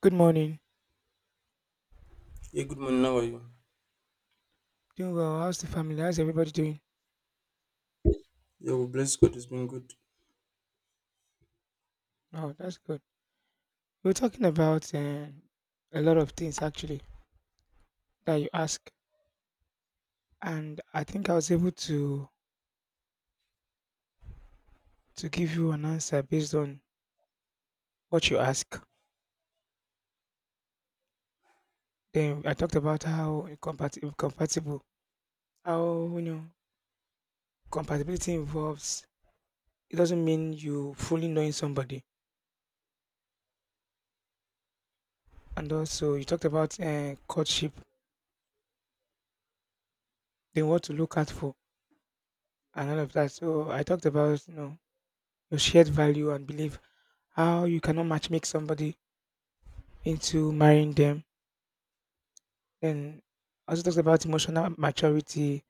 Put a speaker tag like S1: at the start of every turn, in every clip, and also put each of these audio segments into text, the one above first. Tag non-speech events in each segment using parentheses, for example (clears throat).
S1: Good morning.
S2: Yeah, good morning. How are you?
S1: Doing well. How's the family? How's everybody doing?
S2: Yeah, well, bless God, it's been good.
S1: Oh, that's good. We were talking about a lot of things actually that you ask, and I think I was able to give you an answer based on what you ask. Then I talked about compatible, how compatibility involves. It doesn't mean you fully knowing somebody, and also you talked about courtship, then what to look out for, and all of that. So I talked about your shared value and belief how you cannot matchmake somebody into marrying them. Then also talks about emotional maturity,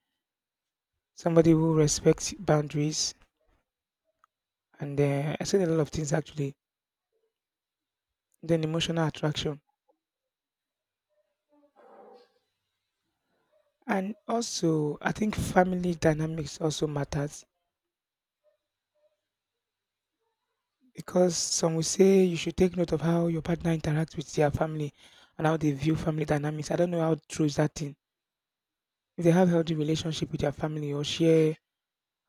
S1: somebody who respects boundaries, and I said a lot of things actually. Then emotional attraction, and also I think family dynamics also matters because some will say you should take note of how your partner interacts with their family and how they view family dynamics. I don't know how true is that thing. If they have healthy relationship with their family or share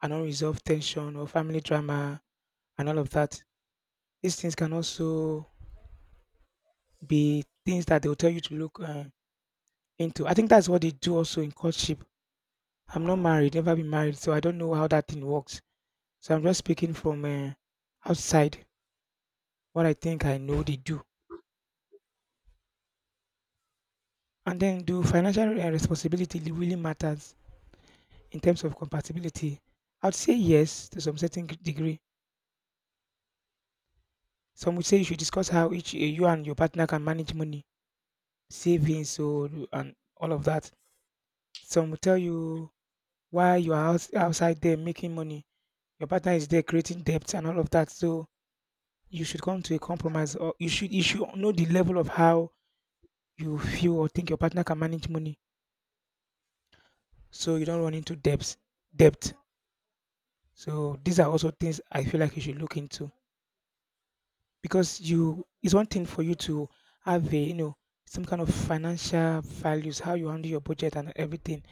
S1: an unresolved tension or family drama and all of that, these things can also be things that they'll tell you to look into. I think that's what they do also in courtship. I'm not married, never been married, so I don't know how that thing works. So I'm just speaking from outside what I think I know they do. And then, do financial really matters in terms of compatibility? I'd say yes to some certain degree. Some would say you should discuss how each you and your partner can manage money, savings, so and all of that. Some will tell you why you are outside there making money your partner is there creating depth and all of that. So you should come to a compromise or you should know the level of how you feel or think your partner can manage money so you don't run into debt. So these are also things I feel like you should look into. Because you it's one thing for you to have a some kind of financial values, how you handle your budget and everything.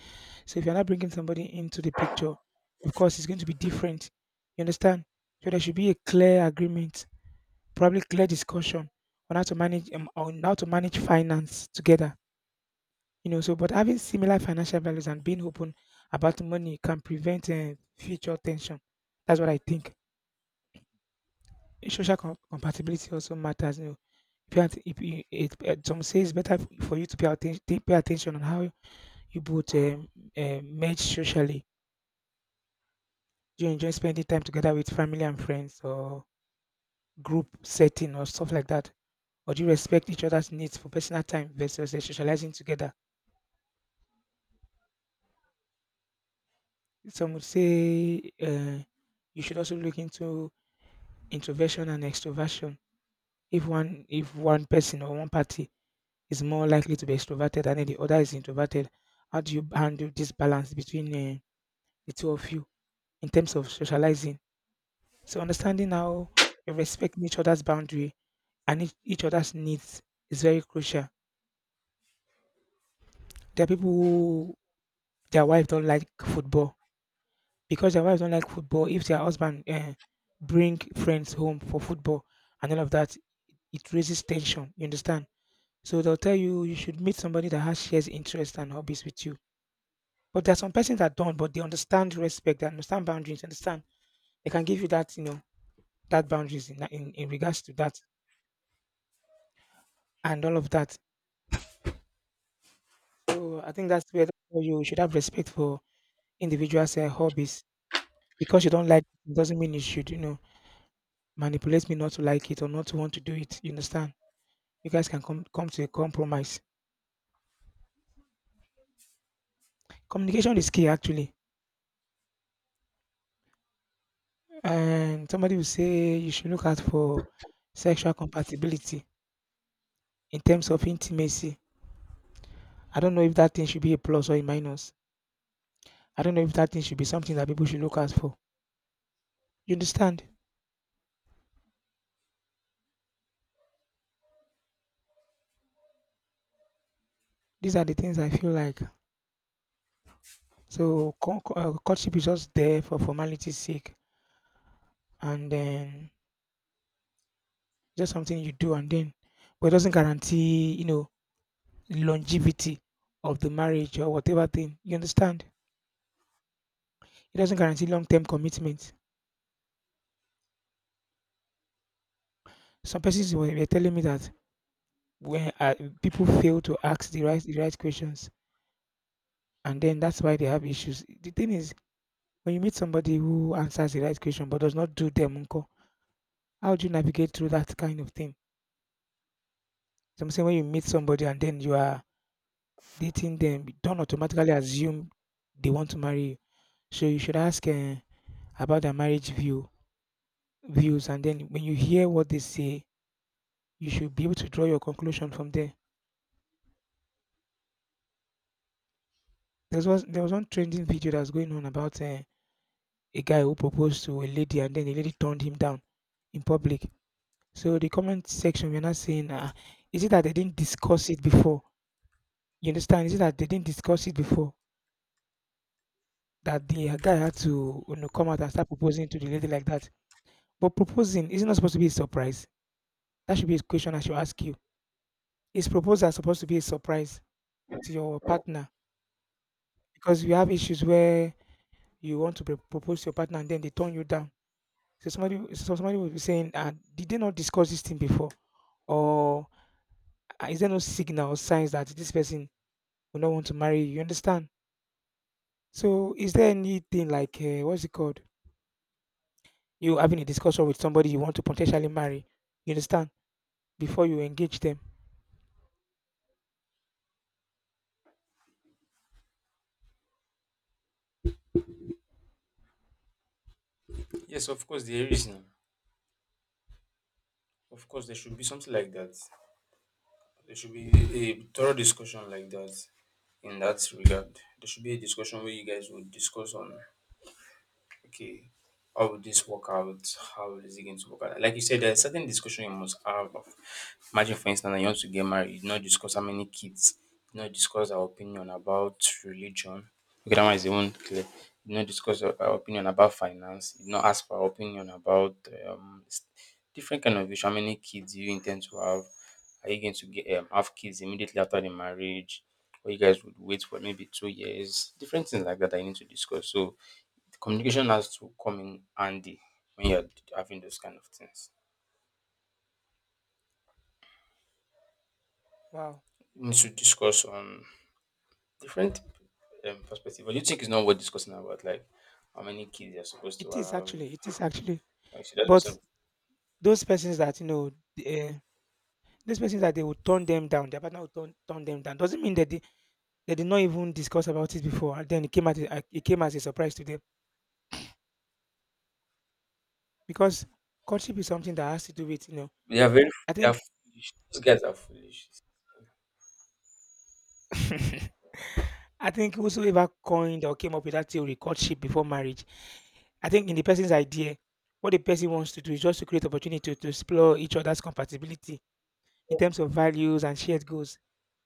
S1: So if you're not bringing somebody into the picture, of course it's going to be different. You understand? So there should be a clear agreement probably clear discussion on how to manage finance together. So but having similar financial values and being open about money can prevent future tension. That's what I think. Social compatibility also matters. You know, if you it, some say it's better for you to pay attention on how you both merge socially. Do you enjoy spending time together with family and friends, or group setting, or stuff like that? Or do you respect each other's needs for personal time versus socializing together? Some would say you should also look into introversion and extroversion. If one person or one party is more likely to be extroverted and then the other is introverted, how do you handle this balance between the two of you in terms of socializing? So understanding how you're respecting each other's boundary and each other's needs is very crucial. There are people who their wife don't like football because their wives don't like football. If their husband bring friends home for football and all of that, it raises tension. You understand? So they'll tell you you should meet somebody that has shares interests and hobbies with you. But there are some persons that don't, but they understand respect, they understand boundaries, understand. They can give you that, that boundaries in regards to that and all of that. So I think that's where you should have respect for individuals' hobbies. Because you don't like it doesn't mean you should, manipulate me not to like it or not to want to do it. You understand? You guys can come to a compromise. Communication is key actually. And somebody will say you should look out for sexual compatibility in terms of intimacy. I don't know if that thing should be a plus or a minus. I don't know if that thing should be something that people should look out for. You understand? These are the things I feel like. So courtship is just there for formality's sake, and then just something you do, and then, but it doesn't guarantee, longevity of the marriage or whatever thing. You understand? It doesn't guarantee long-term commitment. Some persons were telling me that when people fail to ask the right questions, and then that's why they have issues. The thing is, when you meet somebody who answers the right question but does not do them, unko, how do you navigate through that kind of thing? So I'm saying when you meet somebody and then you are dating them, you don't automatically assume they want to marry you. So you should ask about their marriage views, and then when you hear what they say, you should be able to draw your conclusion from there. There was one trending video that was going on about a guy who proposed to a lady and then the lady turned him down in public. So the comment section we're not saying, is it that they didn't discuss it before? You understand? Is it that they didn't discuss it before that the guy had to come out and start proposing to the lady like that? But proposing isn't supposed to be a surprise. That should be a question I should ask you. Is proposal supposed to be a surprise to your partner? Because you have issues where you want to propose to your partner and then they turn you down. So somebody will be saying, "Did they not discuss this thing before?" Or "Is there no signal, or signs that this person will not want to marry you?" You understand? So, is there anything like what's it called? You having a discussion with somebody you want to potentially marry? You understand? Before you engage them.
S2: Yes, of course, there is now. Of course, there should be something like that. There should be a thorough discussion like that in that regard. There should be a discussion where you guys would discuss on, okay, how would this work out? How is it going to work out? Like you said, there's certain discussion you must have. Of, imagine, for instance, that you want to get married, you not discuss how many kids, you not discuss our opinion about religion. Okay, that one is even clear. You not discuss our opinion about finance. You not ask for our opinion about um, s- different kind of issue. How many kids do you intend to have? Are you going to get have kids immediately after the marriage? Or you guys would wait for maybe 2 years? Different things like that I need to discuss. So communication has to come in handy when you're having those kind of things.
S1: Wow,
S2: You need to discuss on different perspective. But you think it's not worth discussing about, like, how many kids you're supposed to have?
S1: it is actually.
S2: Like, should that be
S1: But
S2: something?
S1: those persons that uh, those persons that they will turn them down, their partner will turn them down. Doesn't mean that they did not even discuss about it before. And then it came it came as a surprise to them. Because courtship is something that has to do with, you know,
S2: They are very
S1: I
S2: they are
S1: think
S2: foolish. Those guys are foolish.
S1: (laughs) I think whosoever coined or came up with that theory, courtship before marriage, I think in the person's idea, what the person wants to do is just to create opportunity to explore each other's compatibility in terms of values and shared goals.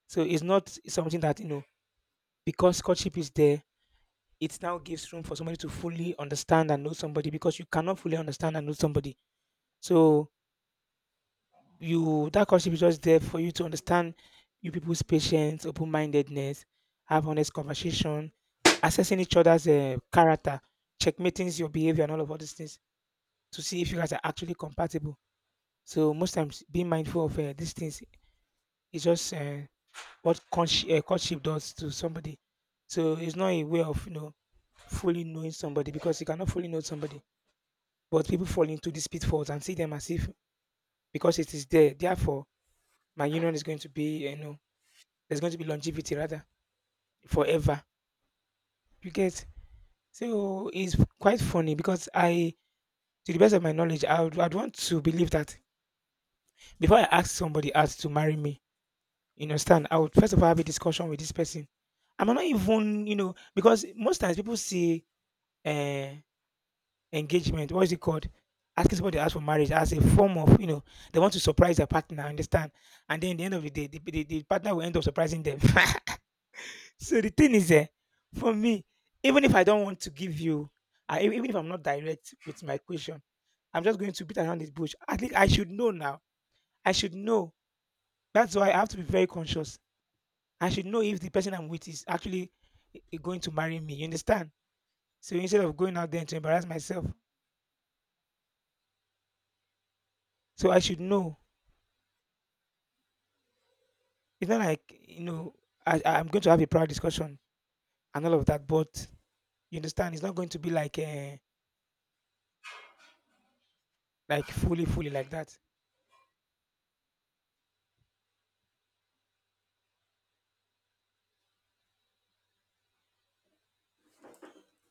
S1: So it's not something that, you know, because courtship is there, it now gives room for somebody to fully understand and know somebody because you cannot fully understand and know somebody. So you that courtship is just there for you to understand you people's patience, open mindedness, have honest conversation, assessing each other's character, checkmating your behavior and all these things to see if you guys are actually compatible. So most times, being mindful of these things is just what courtship does to somebody. So it's not a way of fully knowing somebody because you cannot fully know somebody. But people fall into these pitfalls and see them as if because it is there, therefore my union is going to be there's going to be longevity rather forever. You get? So it's quite funny because to the best of my knowledge, I'd want to believe that before I ask somebody else to marry me, you understand, I would first of all have a discussion with this person. I'm not even, you know, because most times people see uh, engagement, what is it called? Asking somebody else for marriage as a form of, you know, they want to surprise their partner, understand? And then at the end of the day, the partner will end up surprising them. (laughs) So the thing is, eh, for me, even if I don't want to give you, even if I'm not direct with my question, I'm just going to beat around this bush. I think I should know now. I should know. That's why I have to be very conscious. I should know if the person I'm with is actually going to marry me. You understand? So instead of going out there to embarrass myself, so I should know. It's not like I am going to have a proud discussion and all of that. But you understand? It's not going to be like fully, fully like that.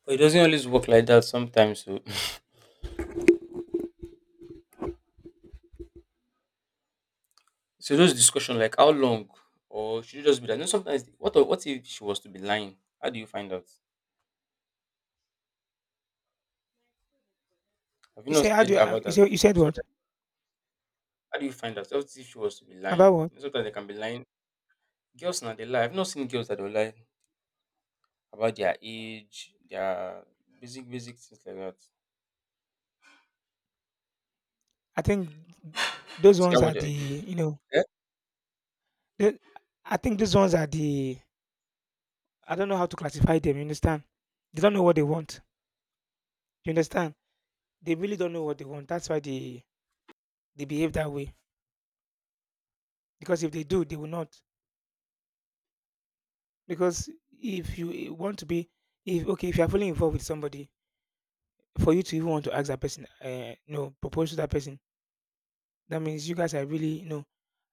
S2: But it doesn't always work like that sometimes. So, (laughs) so those discussion, like, how long, or should you just be that? You know, sometimes what if she was to be lying? How do you find out? Have you
S1: You say
S2: not
S1: how do
S2: heard
S1: you,
S2: about
S1: you
S2: that
S1: say you
S2: before?
S1: said
S2: Sorry,
S1: what
S2: how do you find out? What if she was to be lying?
S1: about what?
S2: You know, sometimes they can be lying. Girls now they lie. I've not seen girls that don't lie about their age, their basic things like that.
S1: I think
S2: You
S1: those
S2: see how
S1: ones are
S2: much are
S1: the
S2: you?
S1: you know
S2: Eh?
S1: the, I think these ones are the I don't know how to classify them. You understand? They don't know what they want. You understand? They really don't know what they want. That's why they behave that way. Because if they do, they will not. Because if you want to be, if okay, if you are fully involved with somebody, for you to even want to ask that person, no, propose to that person, that means you guys are really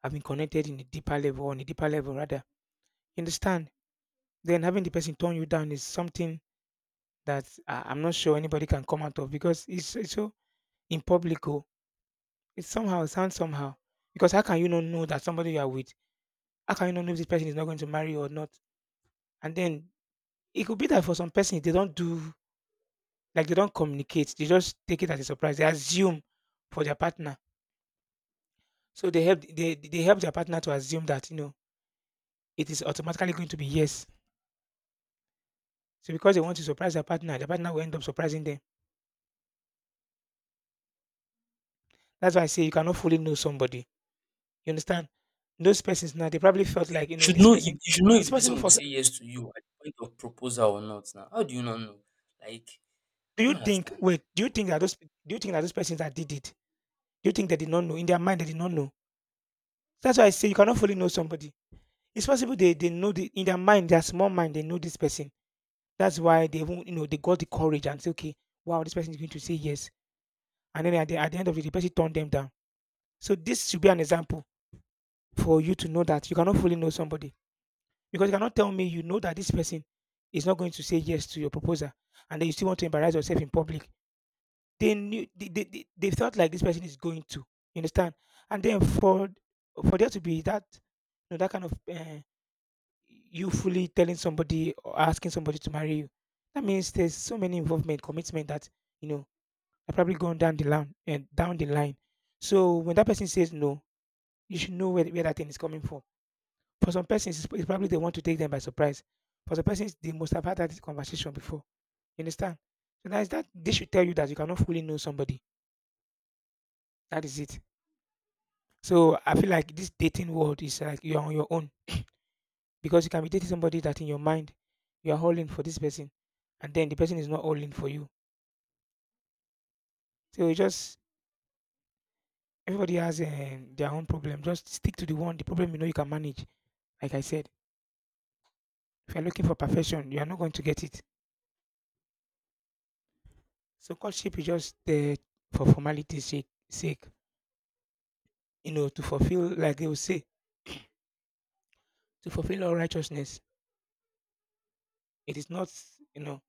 S1: have been connected in a deeper level on a deeper level rather. You understand? Then having the person turn you down is something that I'm not sure anybody can come out of because it's so in public. Oh, it sounds somehow. Because how can you not know that somebody you are with? How can you not know if this person is not going to marry you or not? And then it could be that for some person they don't communicate. They just take it as a surprise. They assume for their partner. So they help their partner to assume that it is automatically going to be yes. So because they want to surprise their partner will end up surprising them. That's why I say you cannot fully know somebody. You understand? Those persons now they probably felt
S2: You
S1: like
S2: should
S1: this
S2: know. You,
S1: person.
S2: you should know if
S1: It's
S2: the person
S1: possible
S2: will
S1: for.
S2: say yes to you at the point of proposal or not. Now, how do you not know? Like,
S1: Do
S2: I
S1: you
S2: don't
S1: think?
S2: understand.
S1: Wait. Do you think that those? Do you think that those persons that did it? Do you think they did not know in their mind? They did not know. That's why I say you cannot fully know somebody. It's possible they know in their mind, their small mind, they know this person. That's why they won't, they got the courage and say, okay, wow, this person is going to say yes. And then at the end of it, the person turned them down. So this should be an example for you to know that you cannot fully know somebody. Because you cannot tell me you know that this person is not going to say yes to your proposal and then you still want to embarrass yourself in public. They knew they felt like this person is going to. You understand? And then for there to be that that kind of you fully telling somebody or asking somebody to marry you, that means there's so many involvement, commitment that you know are probably going down the line and down the line. So when that person says no, you should know where that thing is coming from for some persons, it's probably they want to take them by surprise. For some persons, they must have had that conversation before. You understand? So that is that they should tell you that you cannot fully know somebody. That is it. So I feel like this dating world is like you're on your own because you can be dating somebody that in your mind you are all in for this person, and then the person is not all in for you. So you just everybody has their own problem. Just stick to the problem you know you can manage. Like I said, if you're looking for perfection, you are not going to get it. So courtship is just for formality's sake. Sake to fulfill, like they will say, to fulfill all righteousness. It is not, you know,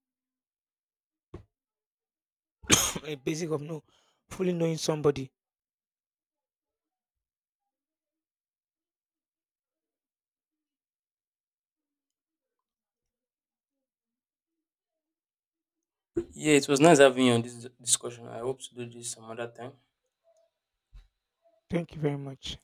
S1: (clears throat) a basic of no, fully knowing somebody.
S2: Yeah, it was nice having you on this discussion. I hope to do this some other time.
S1: Thank you very much.